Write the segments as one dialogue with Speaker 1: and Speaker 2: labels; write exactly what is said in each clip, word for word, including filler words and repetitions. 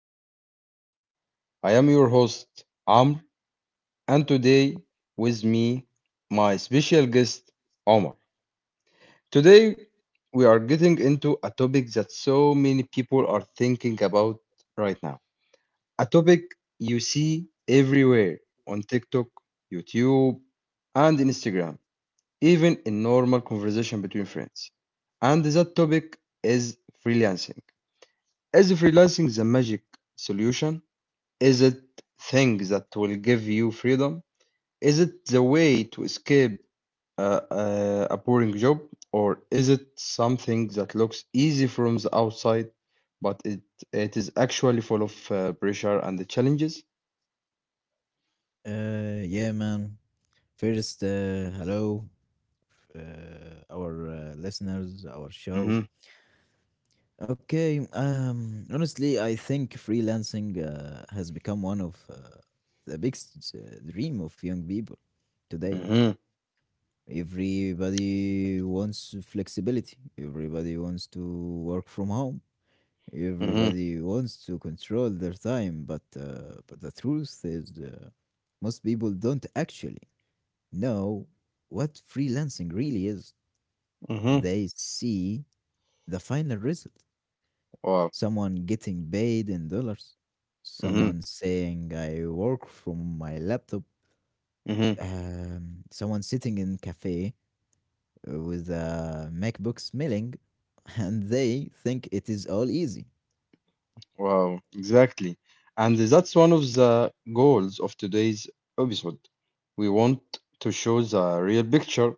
Speaker 1: new episode. I am your host, Amr, and today with me, my special guest, Omar. Today, we are getting into a topic that so many people are thinking about right now. A topic you see everywhere on TikTok, YouTube, and Instagram, even in normal conversation between friends. And that topic is freelancing Is freelancing the magic solution? Is it thing that will give you freedom? Is it the way to escape uh, uh, a boring job, or is it something that looks easy from the outside, but it it is actually full of uh, pressure and the challenges?
Speaker 2: Uh, yeah, man. First, uh, hello, uh, our uh, listeners, our
Speaker 1: Mm-hmm,
Speaker 2: show. Okay, um, Honestly, I think freelancing uh, has become one of uh, the biggest uh, dream of young people today.
Speaker 1: mm-hmm,
Speaker 2: Everybody wants flexibility. Everybody wants to work from home.
Speaker 1: mm-hmm,
Speaker 2: Everybody wants to control their time, but uh, but the truth is, uh, most people don't actually. Know what freelancing really is.
Speaker 1: mm-hmm.
Speaker 2: They see the final result,
Speaker 1: Wow.
Speaker 2: someone getting paid in dollars,
Speaker 1: Mm-hmm,
Speaker 2: someone saying, I work from my laptop,
Speaker 1: mm-hmm.
Speaker 2: um, someone sitting in cafe with a MacBook smelling, and they think it is all easy.
Speaker 1: Wow, exactly. And that's one of the goals of today's episode. We want to show the real picture,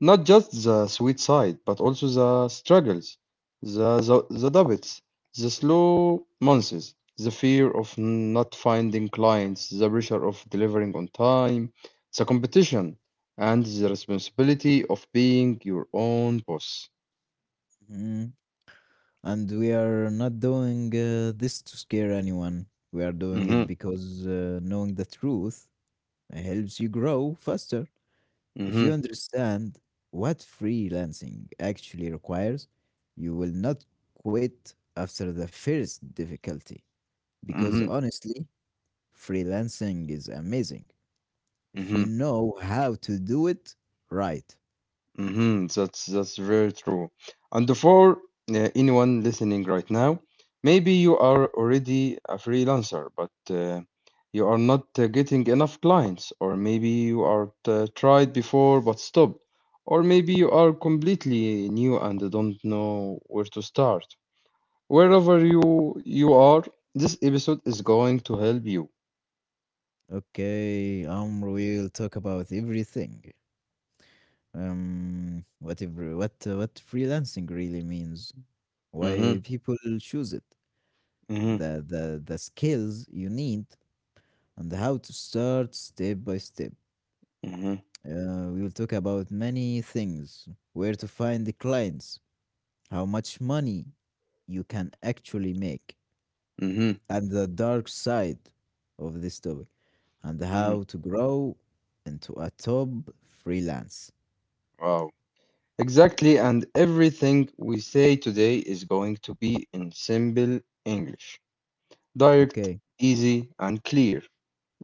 Speaker 1: not just the sweet side, but also the struggles, the, the, the doubts, the slow months, the fear of not finding clients, the pressure of delivering on time, the competition, and the responsibility of being your own boss.
Speaker 2: Mhm. And we are not doing uh, this to scare anyone. We are doing it
Speaker 1: Mm-hmm,
Speaker 2: because uh, knowing the truth helps you grow faster. If
Speaker 1: mm-hmm,
Speaker 2: you understand what freelancing actually requires, you will not quit after the first difficulty. Because
Speaker 1: mm-hmm,
Speaker 2: honestly, freelancing is amazing if
Speaker 1: mm-hmm.
Speaker 2: you know how to do it right.
Speaker 1: hmm That's that's very true. And for uh, anyone listening right now, maybe you are already a freelancer, but uh, you are not uh, getting enough clients, or maybe you are uh, tried before but stopped, or maybe you are completely new and don't know where to start. Wherever you you are, this episode is going to help you.
Speaker 2: Okay, um, we'll talk about everything. Um, what every, what uh, what freelancing really means,
Speaker 1: Mm-hmm,
Speaker 2: why people choose it,
Speaker 1: mm-hmm,
Speaker 2: the the the skills you need, and how to start step by step.
Speaker 1: mm-hmm,
Speaker 2: Uh, we will talk about many things: where to find the clients, how much money you can actually make,
Speaker 1: mm-hmm,
Speaker 2: at the dark side of this topic, and
Speaker 1: mm-hmm.
Speaker 2: how to grow into a top freelance.
Speaker 1: Wow. Exactly, and everything we say today is going to be in simple English. Direct,
Speaker 2: Okay.
Speaker 1: easy, and clear.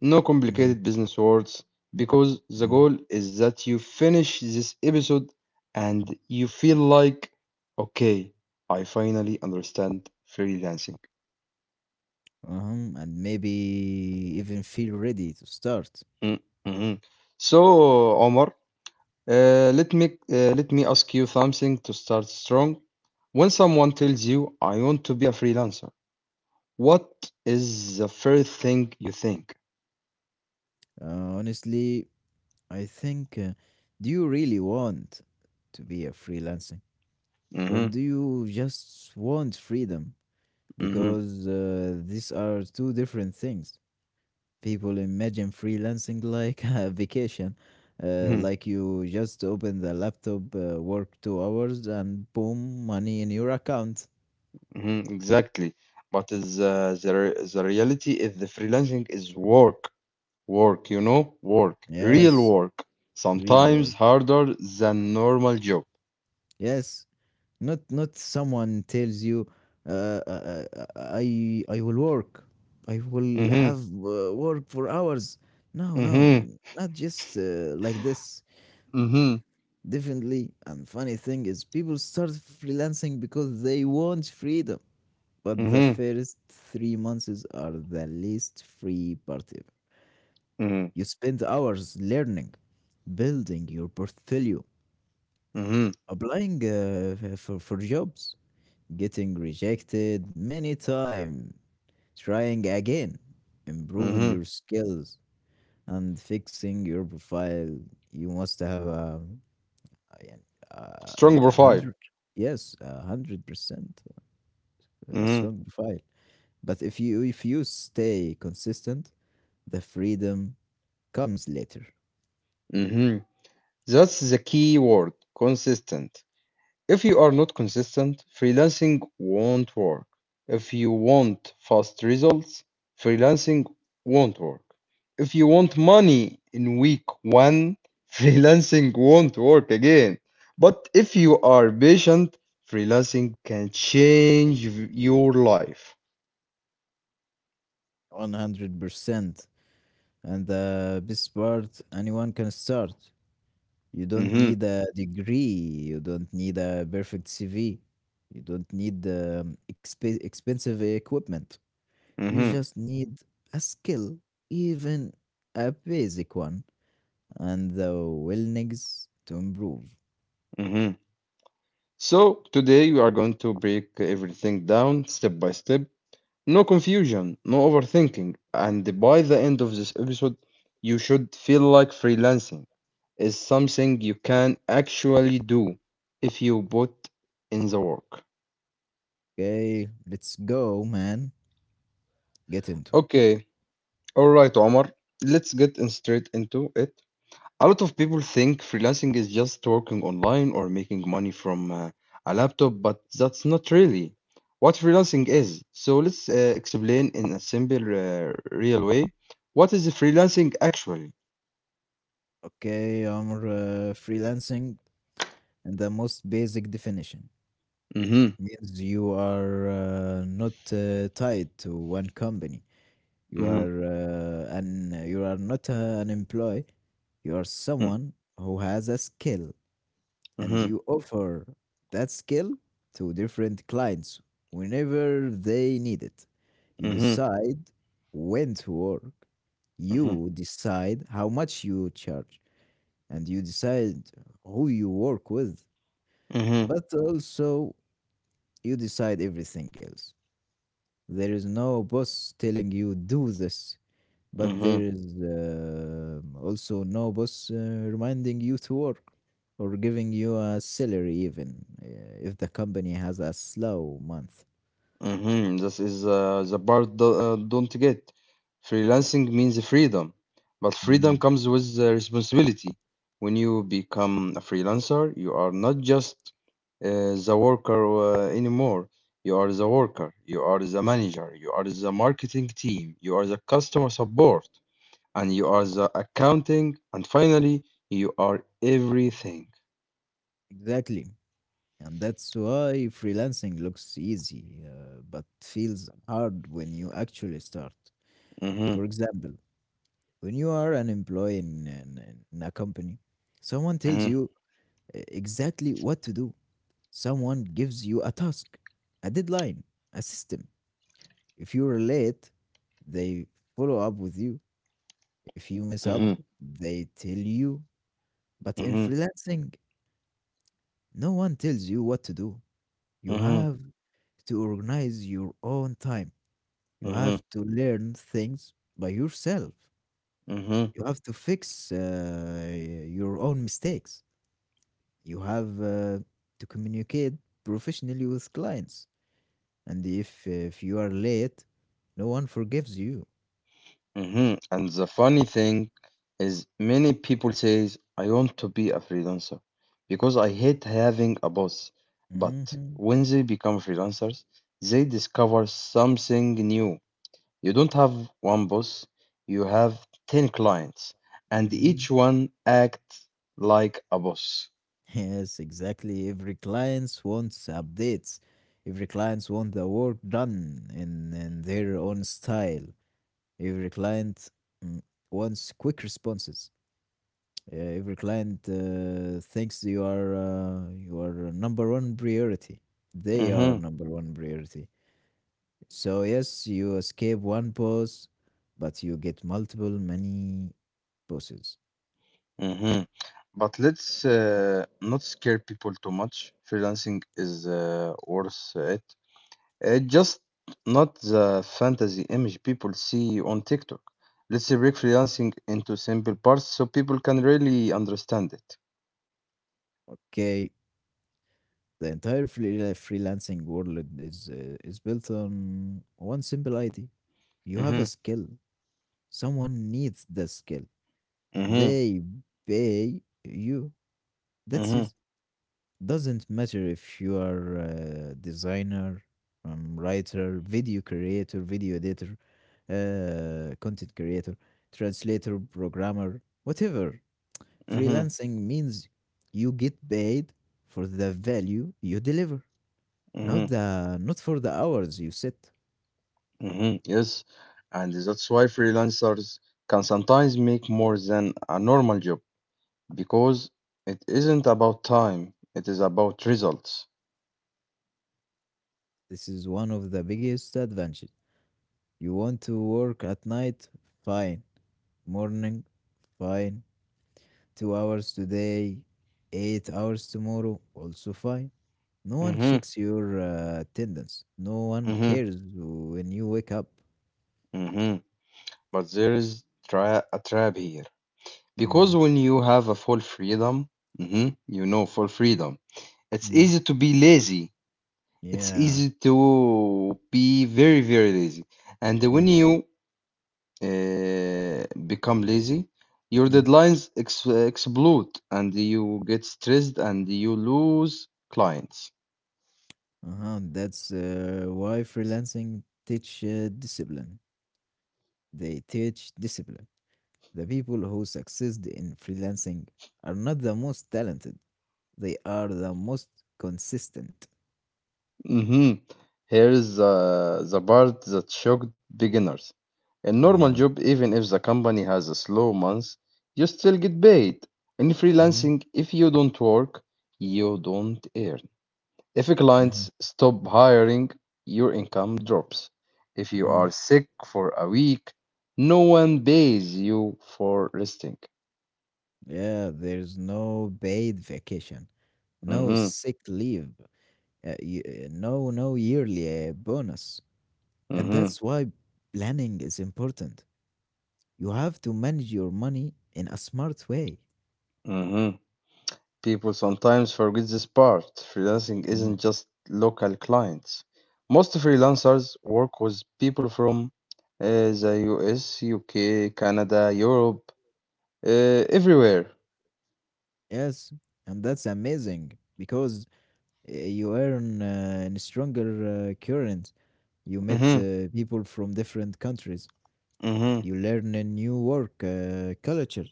Speaker 1: No
Speaker 2: Mhm,
Speaker 1: complicated business words, because the
Speaker 2: mhm.
Speaker 1: goal is that you finish this episode and you feel like, okay, I finally understand freelancing.
Speaker 2: Uh-huh. And maybe even feel ready to start.
Speaker 1: Mm, mhm. So, Omar, uh, let me uh, let me ask you something to start strong. When someone tells you, I want to be a freelancer, What is the first thing you think?
Speaker 2: Uh, honestly, I think, uh, do you really want to be a freelancing or
Speaker 1: Mhm,
Speaker 2: do you just want freedom?
Speaker 1: mhm,
Speaker 2: Because uh, these are two different things. People imagine freelancing like a vacation, uh,
Speaker 1: mhm,
Speaker 2: like you just open the laptop, uh, work two hours, and boom, money in your account.
Speaker 1: mhm, exactly. But is uh, the re- the reality is the freelancing is work, work, you know, work, real
Speaker 2: Yes,
Speaker 1: work.
Speaker 2: real
Speaker 1: Sometimes
Speaker 2: work.
Speaker 1: harder than normal job.
Speaker 2: Yes, not not someone tells you, uh, uh, uh, I I will work, I will
Speaker 1: Mhm,
Speaker 2: have uh, work for hours. No, no,
Speaker 1: mhm,
Speaker 2: not just uh, like this.
Speaker 1: mhm,
Speaker 2: Definitely, and funny thing is, people start freelancing because they want freedom. But the
Speaker 1: mhm,
Speaker 2: first three months are the least free part ever.
Speaker 1: mhm,
Speaker 2: You spend hours learning, building your portfolio,
Speaker 1: mhm,
Speaker 2: applying uh, f- for, for jobs, getting rejected many times, trying again, improving
Speaker 1: mhm.
Speaker 2: your skills, and fixing your profile. You must have a, a, a,
Speaker 1: Strong
Speaker 2: a
Speaker 1: profile.
Speaker 2: hundred, yes, a hundred percent uh, strong
Speaker 1: Mhm,
Speaker 2: profile. But if you if you stay consistent, the freedom comes later.
Speaker 1: mhm. That's the key word, consistent. If you are not consistent, freelancing won't work. If you want fast results, freelancing won't work. If you want money in week one, freelancing won't work again. But if you are patient, freelancing can change y- your life.
Speaker 2: One hundred percent. And the best part, anyone can start. You don't
Speaker 1: Mhm,
Speaker 2: need a degree. You don't need a perfect C V. You don't need um, exp- expensive equipment. You
Speaker 1: mhm,
Speaker 2: just need a skill, even a basic one, and the willingness to improve.
Speaker 1: mhm. So today we are going to break everything down step by step No confusion, no overthinking, and by the end of this episode, you should feel like freelancing is something you can actually do if you put in the work.
Speaker 2: Okay, let's go, man. Get into.
Speaker 1: Okay, all right, Omar, let's get in straight into it. A lot of people think freelancing is just working online or making money from uh, a laptop, but that's not really what freelancing is. So let's uh, explain in a simple, uh, real way what is freelancing actually.
Speaker 2: Okay, I'm uh, freelancing, and the most basic definition
Speaker 1: Mhm,
Speaker 2: means you are uh, not uh, tied to one company. You
Speaker 1: mhm,
Speaker 2: are uh, an you are not uh, an employee. You are
Speaker 1: mm,
Speaker 2: someone who has a skill and
Speaker 1: mhm,
Speaker 2: you offer that skill to different clients whenever they need it. You
Speaker 1: mhm,
Speaker 2: decide when to work,
Speaker 1: mhm,
Speaker 2: you decide how much you charge, and you decide who you work with,
Speaker 1: mhm,
Speaker 2: but also you decide everything else. There is no boss telling you do this, but there
Speaker 1: mhm,
Speaker 2: is um also no boss uh, reminding you to work, or giving you a salary even uh, if the company has a slow month.
Speaker 1: mhm. This is uh, the part do- uh, don't get. Freelancing means freedom, but freedom
Speaker 2: Mm,
Speaker 1: comes with uh, responsibility. When you become a freelancer, you are not just uh, the worker uh, anymore. You are the worker, you are the manager, you are the marketing team, you are the customer support, and you are the accounting, and finally, you are everything.
Speaker 2: exactly. And that's why freelancing looks easy, uh, but feels hard when you actually start. For
Speaker 1: Mhm.
Speaker 2: example, when you are an employee in, in, in a company, someone tells
Speaker 1: Mhm,
Speaker 2: you uh, exactly what to do. Someone gives you a task, a deadline, a system. If you're late, they follow up with you. If you mess up,
Speaker 1: mhm,
Speaker 2: they tell you. But in
Speaker 1: mhm,
Speaker 2: freelancing, no one tells you what to do. You
Speaker 1: mhm,
Speaker 2: have Mm. to organize your own time. You have
Speaker 1: mhm,
Speaker 2: to learn things by yourself.
Speaker 1: mhm,
Speaker 2: You have to fix uh, your own mistakes. You have uh, to communicate professionally with clients. And if, if you are late, no one forgives you.
Speaker 1: mhm. And the funny thing is, many people says I want to be a freelancer because I hate having a boss. But
Speaker 2: Hmm
Speaker 1: when they become freelancers, they discover something new. You don't have one boss, you have ten clients, and
Speaker 2: hmm
Speaker 1: each one acts like a boss.
Speaker 2: Yes, exactly. Every client wants updates. Every client wants the work done in, in their own style. Every client, mm, wants quick responses. Uh, every client uh, thinks you are uh, you are number one priority. They are
Speaker 1: Mm-hmm,
Speaker 2: number one priority. So yes, you escape one boss, but you get multiple many bosses.
Speaker 1: mm-hmm. But let's uh, not scare people too much. Freelancing is uh, worth it. It's just not the fantasy image people see on TikTok. Let's break freelancing into simple parts so people can really understand it.
Speaker 2: Okay, the entire free- uh, freelancing world is uh, is built on one simple idea. You have
Speaker 1: Mm-hmm,
Speaker 2: a skill. Someone needs the skill.
Speaker 1: mm-hmm,
Speaker 2: They pay you. That's
Speaker 1: mm-hmm,
Speaker 2: it. Doesn't matter if you are a designer, um, writer, video creator, video editor, uh, content creator, translator, programmer, whatever.
Speaker 1: mm-hmm,
Speaker 2: Freelancing means you get paid for the value you deliver.
Speaker 1: mm-hmm,
Speaker 2: Not the not for the hours you sit.
Speaker 1: mm-hmm. Yes, and that's why freelancers can sometimes make more than a normal job because it isn't about time, it is about results.
Speaker 2: This is one of the biggest advantages. You want to work at night? Fine. Morning? Fine. Two hours today, eight hours tomorrow, also fine. No one
Speaker 1: Mm-hmm.
Speaker 2: checks your uh, attendance. No one cares when you wake up.
Speaker 1: hmm But there is tra a trap here. Because
Speaker 2: Mm,
Speaker 1: when you have a full freedom, hmm you know, full freedom, it's
Speaker 2: mm,
Speaker 1: easy to be lazy. It's
Speaker 2: yeah.
Speaker 1: easy to be very, very lazy. And when
Speaker 2: Mm,
Speaker 1: you uh, become lazy, your
Speaker 2: mm.
Speaker 1: deadlines ex explode and you get stressed and you lose clients.
Speaker 2: Uh-huh. That's uh, why freelancing teach uh, discipline. They teach discipline. The people who succeed in freelancing are not the most talented. They are the most consistent.
Speaker 1: hmm Here's uh, the part that shocked beginners. A normal
Speaker 2: Yeah.
Speaker 1: job, even if the company has a slow month, you still get paid. In
Speaker 2: Mm-hmm.
Speaker 1: freelancing, if you don't work, you don't earn. If
Speaker 2: Mm-hmm.
Speaker 1: clients stop hiring, your income drops. If you
Speaker 2: Mm-hmm.
Speaker 1: are sick for a week, no one pays you for resting.
Speaker 2: Yeah, there's no paid vacation, no
Speaker 1: Mm-hmm,
Speaker 2: sick leave, uh, y- uh, no no yearly uh, bonus, and
Speaker 1: mm-hmm,
Speaker 2: that's why planning is important. You have to manage your money in a smart way.
Speaker 1: mm-hmm. People sometimes forget this part. Freelancing
Speaker 2: Mm.
Speaker 1: isn't just local clients. Most freelancers work with people from uh, the U S, U K, Canada, Europe, uh, everywhere.
Speaker 2: Yes, and that's amazing because uh, you earn uh, in stronger uh, current. You meet
Speaker 1: hmm
Speaker 2: uh, people from different countries.
Speaker 1: hmm
Speaker 2: You learn a new work uh, culture.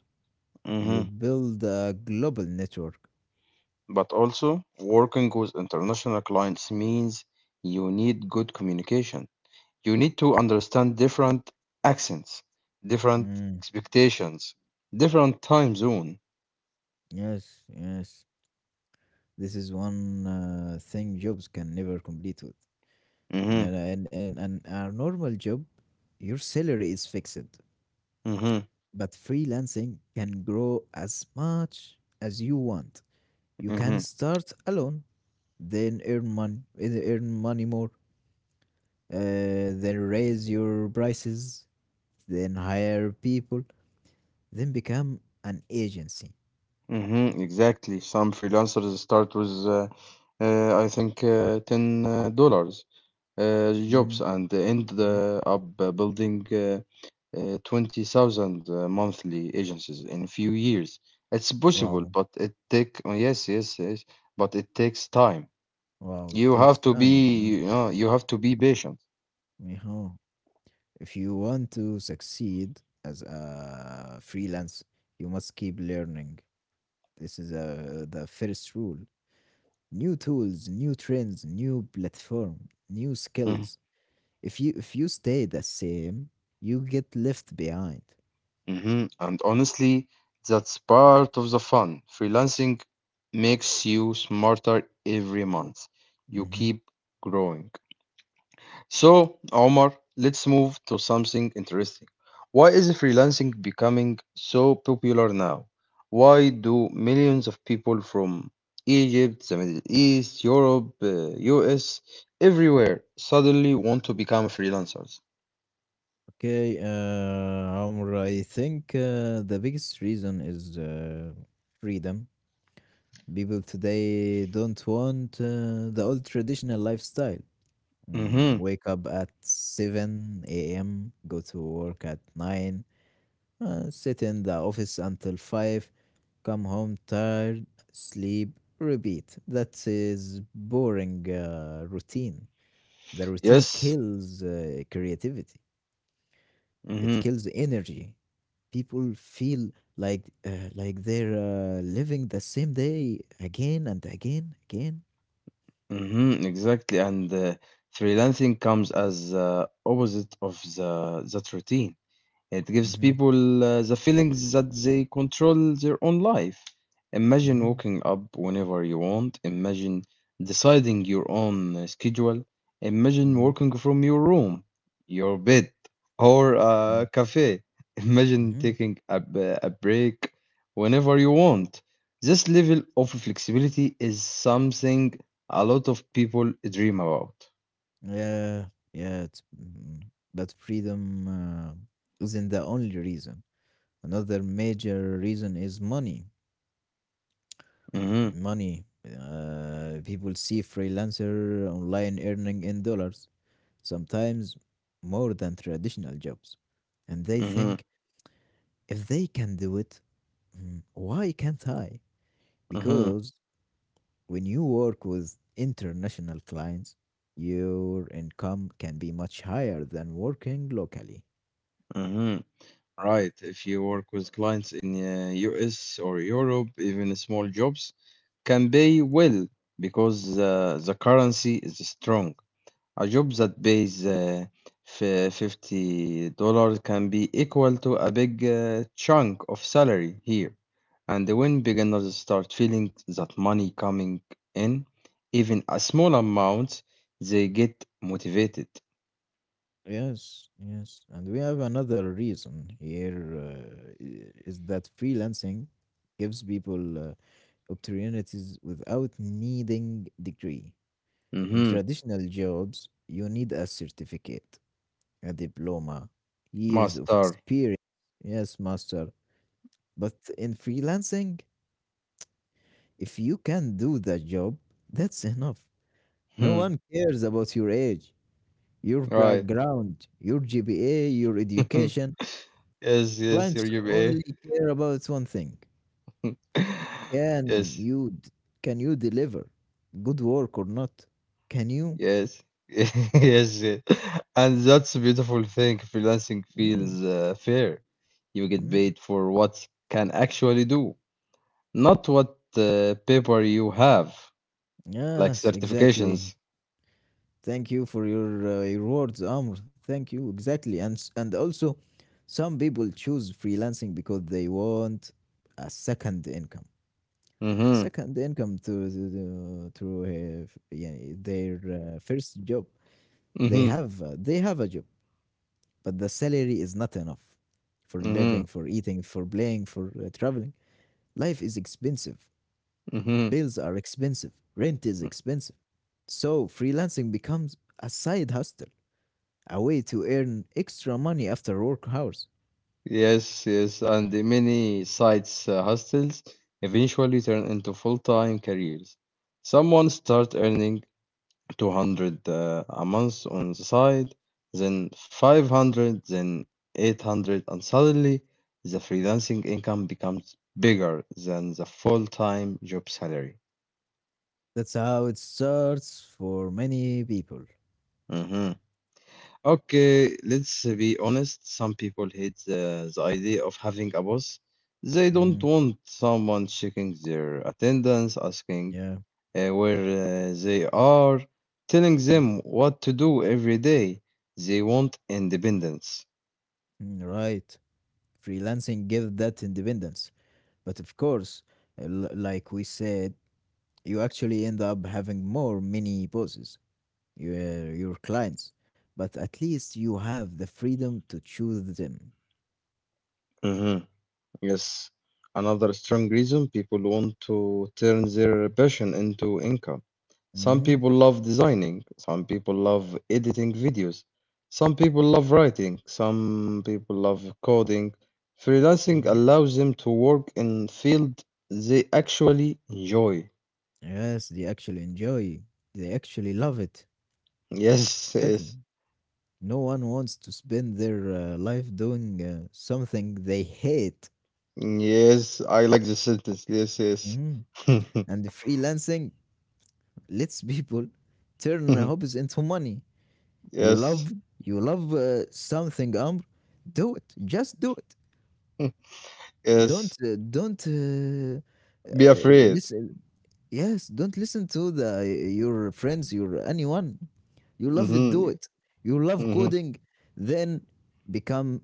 Speaker 2: You
Speaker 1: hmm
Speaker 2: build a global network.
Speaker 1: But also, working with international clients means you need good communication. You need to understand different accents, different
Speaker 2: Mm.
Speaker 1: expectations, different time zone.
Speaker 2: Yes, yes. This is one uh, thing jobs can never complete with.
Speaker 1: hmm
Speaker 2: In a, in, in, in a normal job, your salary is fixed,
Speaker 1: hmm
Speaker 2: but freelancing can grow as much as you want. You
Speaker 1: hmm
Speaker 2: can start alone, then earn money, earn money more, uh, then raise your prices, then hire people, then become an agency.
Speaker 1: Mm-hmm, exactly. Some freelancers start with, uh, uh, I think, uh, ten uh, dollars uh, jobs
Speaker 2: Mhm.
Speaker 1: and end
Speaker 2: mhm.
Speaker 1: uh, up uh, building uh, uh, twenty thousand uh, monthly agencies in few years. It's possible,
Speaker 2: Wow,
Speaker 1: but it take oh, yes, yes, yes, but it takes time.
Speaker 2: wow, it
Speaker 1: You
Speaker 2: takes
Speaker 1: have to
Speaker 2: time. Mhm,
Speaker 1: be, you know, you have to be patient.
Speaker 2: uh-huh. If you want to succeed as a freelance, you must keep learning. This is uh, the first rule. New tools, new trends, new platform, new
Speaker 1: Mm-hmm.
Speaker 2: skills. If you if you stay the same, you get left behind.
Speaker 1: Mhm. And honestly, that's part of the fun. Freelancing makes you smarter every month. You
Speaker 2: Mhm.
Speaker 1: keep growing. So, Omar, let's move to something interesting. Why is freelancing becoming so popular now? Why do millions of people from Egypt, the Middle East, Europe, uh, U S, everywhere suddenly want to become freelancers?
Speaker 2: Okay, uh, Amr, I think uh, the biggest reason is uh, freedom. People today don't want uh, the old traditional lifestyle. Mm,
Speaker 1: Mm-hmm.
Speaker 2: wake up at seven a m, go to work at nine, uh, sit in the office until five, come home tired, sleep, repeat. That is boring uh, routine. The routine
Speaker 1: Yes.
Speaker 2: kills uh, creativity. It kills energy. People feel like uh, like they're uh, living the same day again and again again.
Speaker 1: Mhm, exactly. And uh, freelancing comes as uh, opposite of the that routine. It gives
Speaker 2: Mm-hmm,
Speaker 1: people uh, the feelings that they control their own life. Imagine
Speaker 2: mm-hmm,
Speaker 1: waking up whenever you want. Imagine deciding your own uh, schedule. Imagine
Speaker 2: mm-hmm,
Speaker 1: working from your room, your bed, or
Speaker 2: mm-hmm.
Speaker 1: a cafe. Imagine
Speaker 2: mm-hmm.
Speaker 1: taking a, b- a break whenever you want. This level of flexibility is something a lot of people dream about.
Speaker 2: Yeah, yeah, it's, mm, but freedom uh, isn't the only reason. Another major reason is money
Speaker 1: hmm
Speaker 2: money. Uh, people see freelancer online earning in dollars, sometimes more than traditional jobs, and they
Speaker 1: hmm
Speaker 2: think, if they can do it, mm, why can't I?
Speaker 1: hmm
Speaker 2: Because when you work with international clients, your income can be much higher than working locally.
Speaker 1: hmm Right. If you work with clients in uh, U S or Europe, even small jobs can pay well because uh, the currency is strong. A job that pays uh, f- fifty dollars can be equal to a big uh, chunk of salary here. And when beginners start feeling that money coming in, even a small amount, they get motivated.
Speaker 2: Yes, yes. And we have another reason here, uh, i- is that freelancing gives people uh, opportunities without needing degree. In
Speaker 1: Mm-hmm.
Speaker 2: traditional jobs, you need a certificate, a diploma, years of
Speaker 1: Master.
Speaker 2: experience. Yes, master. But in freelancing, if you can do the job, that's enough.
Speaker 1: Hmm.
Speaker 2: No one cares about your age, your
Speaker 1: Right.
Speaker 2: background, your G P A, your education.
Speaker 1: Yes, yes, sir,
Speaker 2: Clients
Speaker 1: you may.
Speaker 2: only care about one thing. Can
Speaker 1: Yes,
Speaker 2: you d- can you deliver good work or not? Can you?
Speaker 1: yes, yes, yes. And that's a beautiful thing. Freelancing
Speaker 2: Mm,
Speaker 1: feels uh, fair. You get
Speaker 2: mm.
Speaker 1: paid for what you can actually do, not what uh, paper you have, like
Speaker 2: Yes, exactly.
Speaker 1: certifications.
Speaker 2: Thank you for your, uh, your words, Amr. Thank you. Exactly. And s- and also some people choose freelancing because they want a second income.
Speaker 1: Mm-hmm,
Speaker 2: Second income to to, to to, uh, f- yeah, their uh, first job. They
Speaker 1: mm-hmm,
Speaker 2: have uh, they have a job but the salary is not enough for living,
Speaker 1: mm-hmm,
Speaker 2: for eating, for playing, for uh, traveling. Life is expensive.
Speaker 1: mm-hmm.
Speaker 2: Bills are expensive. Rent is expensive. So freelancing becomes a side hustle, a way to earn extra money after work hours.
Speaker 1: Yes, yes, and the many sites, uh, hostels eventually turn into full-time careers. Someone start earning two hundred uh, a month on the side, then five hundred, then eight hundred, and suddenly the freelancing income becomes bigger than the full-time job salary.
Speaker 2: That's how it starts for many people.
Speaker 1: Mhm. Okay, let's be honest. Some people hate the, the idea of having a boss. They don't
Speaker 2: Mhm,
Speaker 1: want someone checking their attendance, asking
Speaker 2: yeah,
Speaker 1: uh, where uh, they are, telling
Speaker 2: mm,
Speaker 1: them what to do every day. They want independence.
Speaker 2: mm, right. Freelancing gives that independence. But of course, l- like we said, you actually end up having more mini bosses, your your clients, but at least you have the freedom to choose them.
Speaker 1: Mhm. Yes, another strong reason people want to turn their passion into income. Some
Speaker 2: Hmm
Speaker 1: people love designing, some people love editing videos, some people love writing, some people love coding. Freelancing
Speaker 2: hmm
Speaker 1: allows them to work in field they actually enjoy.
Speaker 2: yes, they actually enjoy, they actually love it.
Speaker 1: Yes,
Speaker 2: Exactly.
Speaker 1: yes,
Speaker 2: No one wants to spend their uh, life doing uh, something they hate.
Speaker 1: yes, I like the sentence. Yes, yes.
Speaker 2: Mhm. And the freelancing lets people turn hobbies into money. You love,
Speaker 1: Yes,
Speaker 2: you love uh, something, Amr, do it, just do it. Don't
Speaker 1: yes.
Speaker 2: uh, don't uh,
Speaker 1: Be
Speaker 2: uh,
Speaker 1: afraid.
Speaker 2: Listen, yes, don't listen to the your friends, your anyone. You love it, do
Speaker 1: Mm-hmm,
Speaker 2: it. You love
Speaker 1: mm-hmm,
Speaker 2: coding, then become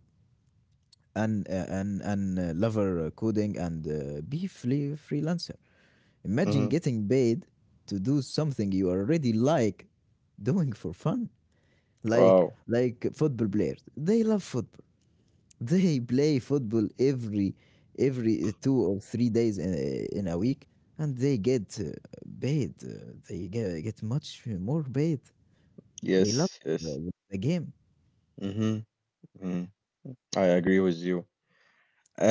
Speaker 2: an uh, an an uh, lover uh, coding and uh, be free freelancer. Imagine
Speaker 1: mm-hmm.
Speaker 2: getting paid to do something you already like doing for fun, like
Speaker 1: Wow.
Speaker 2: like football players. They love football, they play football every every two or three days in, in a week, and they get uh, paid. uh, They get, get much more paid. They love
Speaker 1: Yes, yes.
Speaker 2: the, the game.
Speaker 1: Mm-hmm. hmm I agree with you.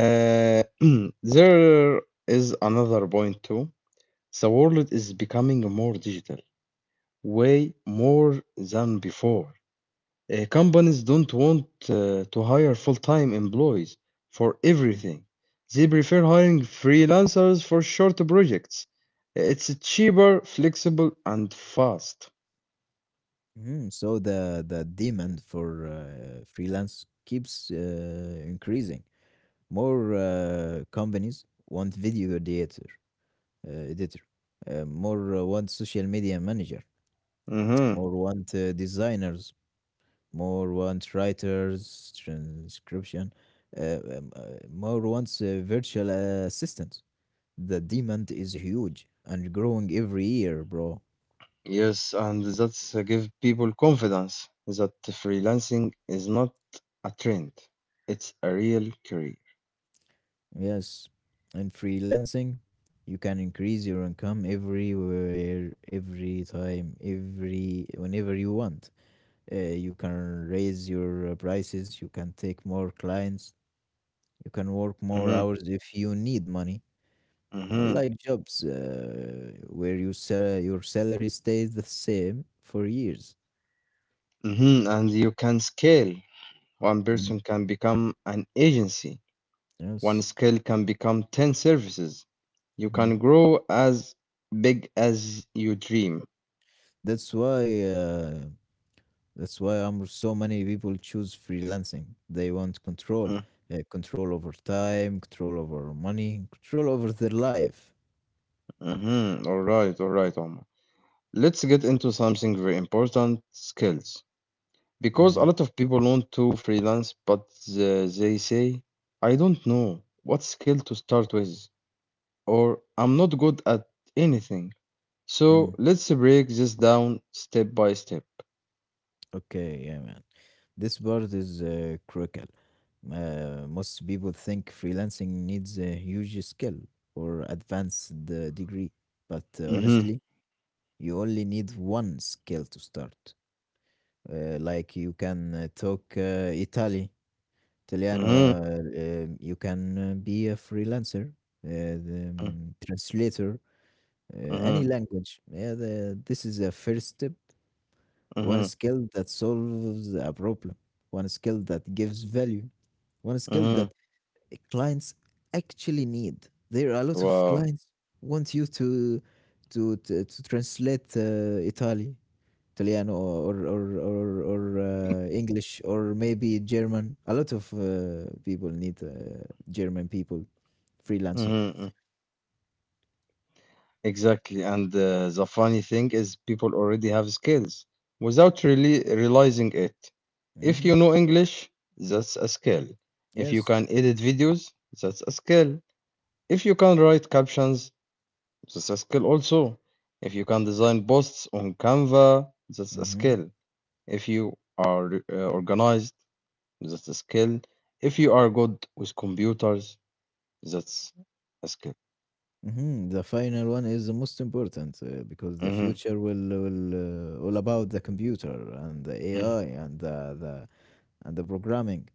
Speaker 1: Uh, there is another point too. The world is becoming more digital, way more than before. Uh, companies don't want uh, to hire full-time employees for everything. They prefer hiring freelancers for short projects. It's cheaper, flexible, and fast.
Speaker 2: Mhm. So the the demand for uh, freelance keeps uh, increasing. More uh, companies want video editor, uh, editor. Uh, more uh, want social media manager.
Speaker 1: Mm-hmm.
Speaker 2: More want uh, designers. More wants writers, transcription, uh, um, uh, more wants uh, virtual assistants. The demand is huge and growing every year, bro.
Speaker 1: Yes, and that's uh, give people confidence that freelancing is not a trend. It's a real career.
Speaker 2: Yes. And freelancing, you can increase your income everywhere, every time, every whenever you want. Uh, you can raise your uh, prices, you can take more clients, you can work more
Speaker 1: hmm
Speaker 2: hours if you need money.
Speaker 1: hmm
Speaker 2: Unlike jobs uh, where you sal your salary stays the same for years.
Speaker 1: hmm And you can scale. One
Speaker 2: Mm.
Speaker 1: person can become an agency. One
Speaker 2: Yes.
Speaker 1: skill can become ten services. You can
Speaker 2: hmm
Speaker 1: grow as big as you dream.
Speaker 2: That's why uh, that's why um, so many people choose freelancing. They want control, uh, control over time, control over money, control over their life.
Speaker 1: Mm-hmm. All right, all right, Omar. Let's get into something very important, skills. Because a
Speaker 2: Mm-hmm.
Speaker 1: lot of people want to freelance, but the- they say, I don't know what skill to start with, or I'm not good at anything.
Speaker 2: Mm.
Speaker 1: So let's break this down step by step.
Speaker 2: Okay, yeah, man. This part is uh, critical. Uh, most people think freelancing needs a huge skill or advanced uh, degree, but uh,
Speaker 1: Mm-hmm.
Speaker 2: honestly, you only need one skill to start. Uh, like you can uh, talk uh, Itali, Italiano.
Speaker 1: Mm-hmm.
Speaker 2: Uh, um, you can uh, be a freelancer, uh, the um, translator, uh, any
Speaker 1: Mm-hmm.
Speaker 2: language. Yeah, the, this is a first step, one
Speaker 1: Mm-hmm.
Speaker 2: skill that solves a problem, one skill that gives value, one skill
Speaker 1: Mm-hmm.
Speaker 2: that clients actually need. There are a lot of
Speaker 1: Wow.
Speaker 2: clients want you to to to, to translate uh, Italy, Italiano, or or or, or uh, English, or maybe German. A lot of uh, people need uh, German people,
Speaker 1: Mm-hmm.
Speaker 2: freelancer.
Speaker 1: Mm-hmm. Exactly. And uh, the funny thing is, people already have skills without really realizing it. If
Speaker 2: Hmm
Speaker 1: you know English, that's a skill. If you
Speaker 2: Yes.
Speaker 1: can edit videos, that's a skill. If you can write captions, that's a skill also. If you can design posts on Canva, that's a
Speaker 2: hmm
Speaker 1: skill. If you are uh, organized, that's a skill. If you are good with computers, that's a skill.
Speaker 2: hmm The final one is the most important uh, because the
Speaker 1: hmm
Speaker 2: future will will uh, all about the computer and the A I and the, the and the programming,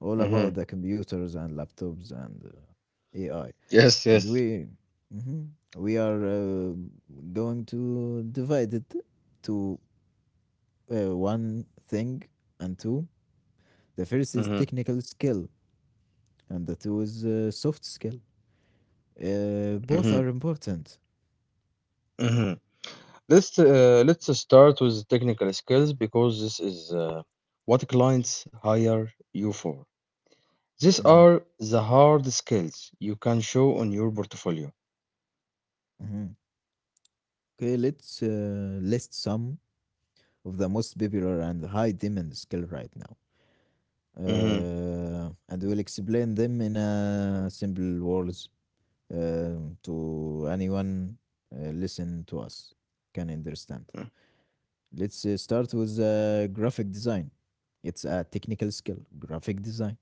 Speaker 2: all about
Speaker 1: hmm
Speaker 2: the computers and laptops and uh, A I.
Speaker 1: Yes,
Speaker 2: And
Speaker 1: yes.
Speaker 2: we hmm we are uh, going to divide it to uh, one thing and two. The first is
Speaker 1: hmm
Speaker 2: technical skill and the two is uh, soft skill. Uh, both
Speaker 1: hmm
Speaker 2: are important.
Speaker 1: hmm Let's uh, let's start with technical skills because this is uh, what clients hire you for. These
Speaker 2: Mhm,
Speaker 1: are the hard skills you can show on your portfolio.
Speaker 2: mhm. Okay, let's uh, list some of the most popular and high demand skill right now,
Speaker 1: Mm-hmm.
Speaker 2: uh, and we'll explain them in a simple words um, to anyone uh, listen to us can understand. Let's uh, start with uh, graphic design. It's a technical skill, graphic design,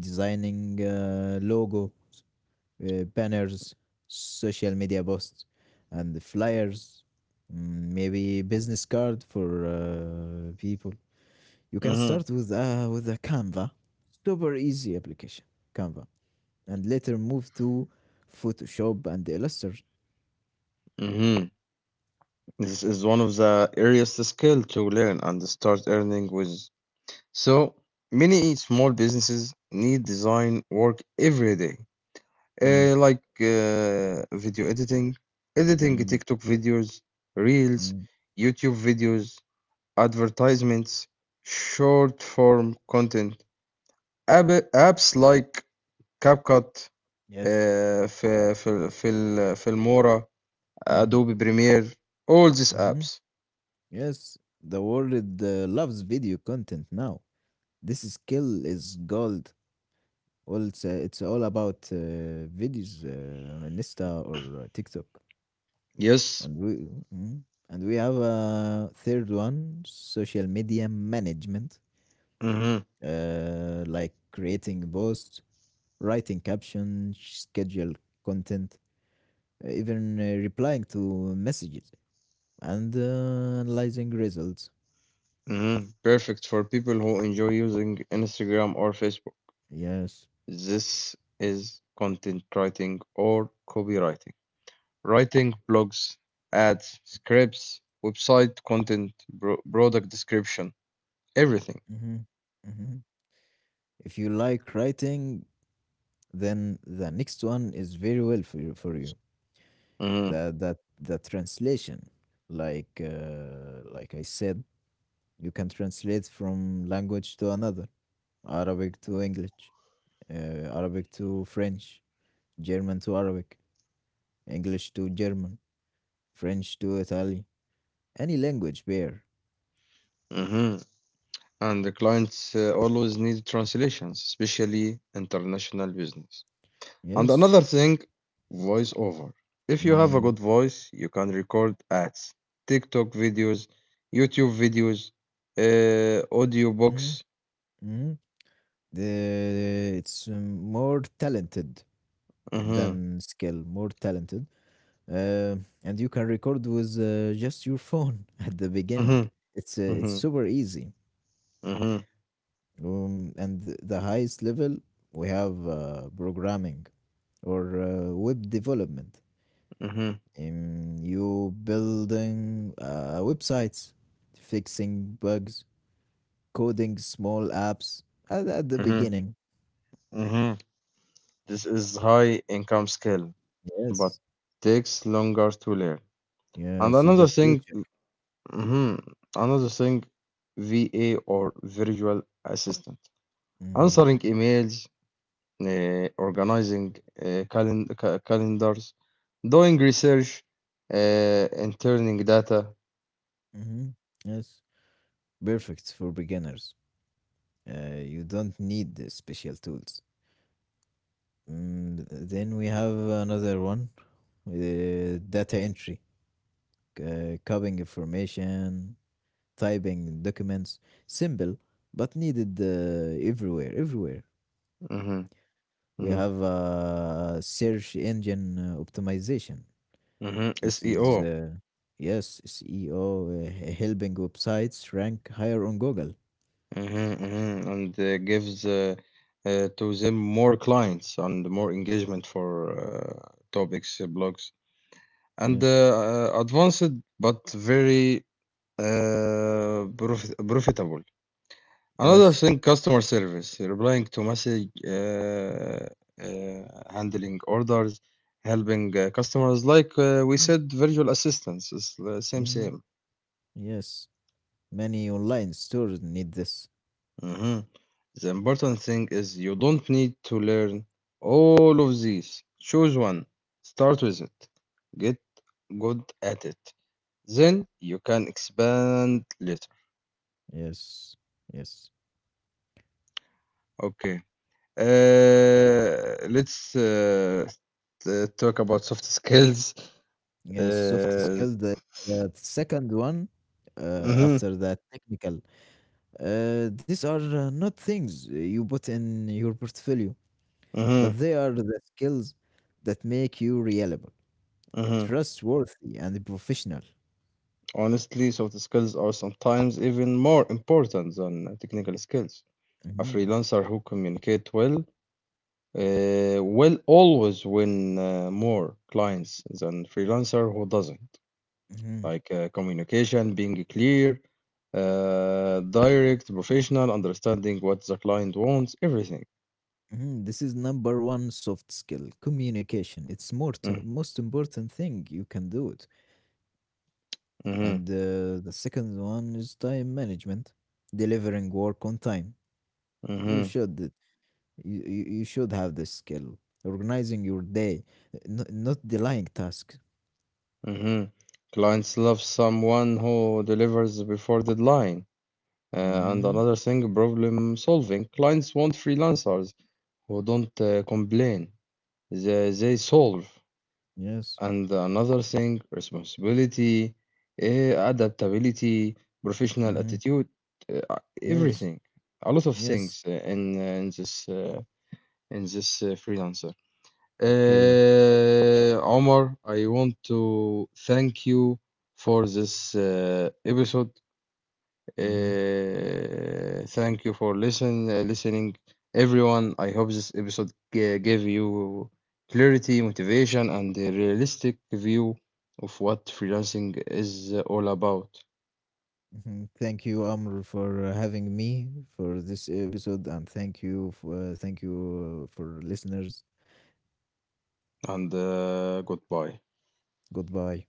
Speaker 2: designing uh, logo, uh, banners, social media posts, and flyers. Mm, maybe business card for uh, people. You can
Speaker 1: Mm-hmm.
Speaker 2: start with uh, with a Canva, super easy application, Canva, and later move to Photoshop and Illustrator.
Speaker 1: Mm-hmm. This is one of the earliest skill to learn and start earning with. So many small businesses need design work every day,
Speaker 2: Mm,
Speaker 1: uh, like uh, video editing, editing
Speaker 2: mm,
Speaker 1: TikTok videos, reels,
Speaker 2: mm.
Speaker 1: YouTube videos, advertisements, short form content, app apps like CapCut,
Speaker 2: Yes.
Speaker 1: uh, Fil- Fil- Fil- Filmora.
Speaker 2: hmm
Speaker 1: Adobe Premiere, all these
Speaker 2: hmm
Speaker 1: apps.
Speaker 2: Yes, the world uh, loves video content now. This skill is gold. Well, it's uh, it's all about uh, videos uh, on Insta or uh, TikTok,
Speaker 1: Yes.
Speaker 2: and we mhm. And we have a third one, social media management,
Speaker 1: hmm
Speaker 2: uh, like creating posts, writing captions, schedule content, uh, even uh, replying to messages, and uh, analyzing results.
Speaker 1: hmm Perfect for people who enjoy using Instagram or Facebook.
Speaker 2: Yes.
Speaker 1: This is content writing or copywriting. Writing blogs, ads, scripts, website content, bro- product description, everything.
Speaker 2: hmm hmm If you like writing, then the next one is very well for you, for you.
Speaker 1: hmm
Speaker 2: That that the translation, like uh, like I said, you can translate from language to another, Arabic to English, uh, Arabic to French, German to Arabic, English to German, French to Italian, any language pair.
Speaker 1: hmm And the clients uh, always need translations, especially international business. And
Speaker 2: Yes.
Speaker 1: another thing, voiceover. If you have a good
Speaker 2: Mm.
Speaker 1: voice, you can record ads, TikTok videos, YouTube videos, uh, audio
Speaker 2: hmm
Speaker 1: books.
Speaker 2: hmm The, it's um, more talented than
Speaker 1: Mhm,
Speaker 2: skill, more talented, uh, and you can record with uh, just your phone at the beginning.
Speaker 1: mhm,
Speaker 2: It's uh, it's
Speaker 1: mhm,
Speaker 2: super easy.
Speaker 1: mhm,
Speaker 2: Um, and th- the highest level we have uh, programming or uh, web development.
Speaker 1: mhm,
Speaker 2: Um, you building uh, websites, fixing bugs, coding small apps at, at the
Speaker 1: mhm,
Speaker 2: beginning.
Speaker 1: mhm. This is high income skill, but
Speaker 2: Yes,
Speaker 1: takes longer to learn. And
Speaker 2: yes, in
Speaker 1: another
Speaker 2: the
Speaker 1: thing,
Speaker 2: future.
Speaker 1: mhm, another thing, V A or virtual assistant.
Speaker 2: Hmm
Speaker 1: Answering emails, uh, organizing uh, calen- ca- calendars, doing research, uh, interning data.
Speaker 2: hmm Yes, perfect for beginners. Uh, you don't need the special tools. Mm, then we have another one, uh, data entry, uh, copying information, typing documents. Simple, but needed uh, everywhere. Everywhere.
Speaker 1: hmm
Speaker 2: We
Speaker 1: hmm
Speaker 2: have uh, search engine uh, optimization.
Speaker 1: hmm
Speaker 2: This is,
Speaker 1: S E O,
Speaker 2: uh, yes, S E O, uh, h- helping websites rank higher on Google.
Speaker 1: hmm hmm and uh, gives uh, uh, to them more clients and more engagement for uh, topics, uh, blogs, and uh,
Speaker 2: Yes,
Speaker 1: uh, advanced but very uh, profi- profitable. Another
Speaker 2: yes,
Speaker 1: thing, customer service, replying to message, uh, uh, handling orders, helping uh, customers, like uh, we
Speaker 2: yes,
Speaker 1: said, virtual assistants. It's the same,
Speaker 2: hmm
Speaker 1: same.
Speaker 2: yes. Many online stores need this.
Speaker 1: Mhm. The important thing is you don't need to learn all of these. Choose one, start with it, get good at it. Then you can expand later.
Speaker 2: Yes, yes.
Speaker 1: Okay. Uh, let's uh, t- talk about soft skills.
Speaker 2: Yes, soft
Speaker 1: Uh,
Speaker 2: skills. The, uh, the second one uh,
Speaker 1: Mm-hmm,
Speaker 2: after that technical. Uh, these are uh, not things you put in your portfolio,
Speaker 1: mm-hmm,
Speaker 2: but they are the skills that make you reliable,
Speaker 1: mm-hmm.
Speaker 2: trustworthy, and professional.
Speaker 1: Honestly, soft skills are sometimes even more important than uh, technical skills. A
Speaker 2: Hmm
Speaker 1: freelancer who communicate well uh, will always win uh, more clients than freelancer who doesn't.
Speaker 2: hmm
Speaker 1: Like uh, communication, being clear, uh, direct, professional, understanding what the client wants, everything.
Speaker 2: hmm This is number one soft skill, communication. It's more
Speaker 1: Mm-hmm,
Speaker 2: to, most important thing you can do it.
Speaker 1: mm-hmm,
Speaker 2: And uh, the second one is time management, delivering work on time. You
Speaker 1: mm-hmm.
Speaker 2: should You, you you should have this skill. Organizing your day, n- not delaying tasks.
Speaker 1: Mm-hmm. Clients love someone who delivers before deadline Uh, and
Speaker 2: Hmm
Speaker 1: another thing, problem solving. Clients want freelancers who don't uh, complain. They, they solve.
Speaker 2: Yes.
Speaker 1: And another thing, responsibility, eh, adaptability, professional
Speaker 2: hmm
Speaker 1: attitude, uh,
Speaker 2: Yes.
Speaker 1: everything. A lot of things
Speaker 2: Yes.
Speaker 1: uh, in, uh, in this uh, in this uh, freelancer.
Speaker 2: Okay.
Speaker 1: Uh, Omar, I want to thank you for this uh, episode.
Speaker 2: hmm
Speaker 1: Uh, thank you for listen uh, listening, everyone. I hope this episode g- gave you clarity, motivation, and a realistic view of what freelancing is all about.
Speaker 2: hmm Thank you, Amr, for uh, having me for this episode, and thank you, for, thank you uh, for listeners.
Speaker 1: And uh, goodbye.
Speaker 2: Goodbye.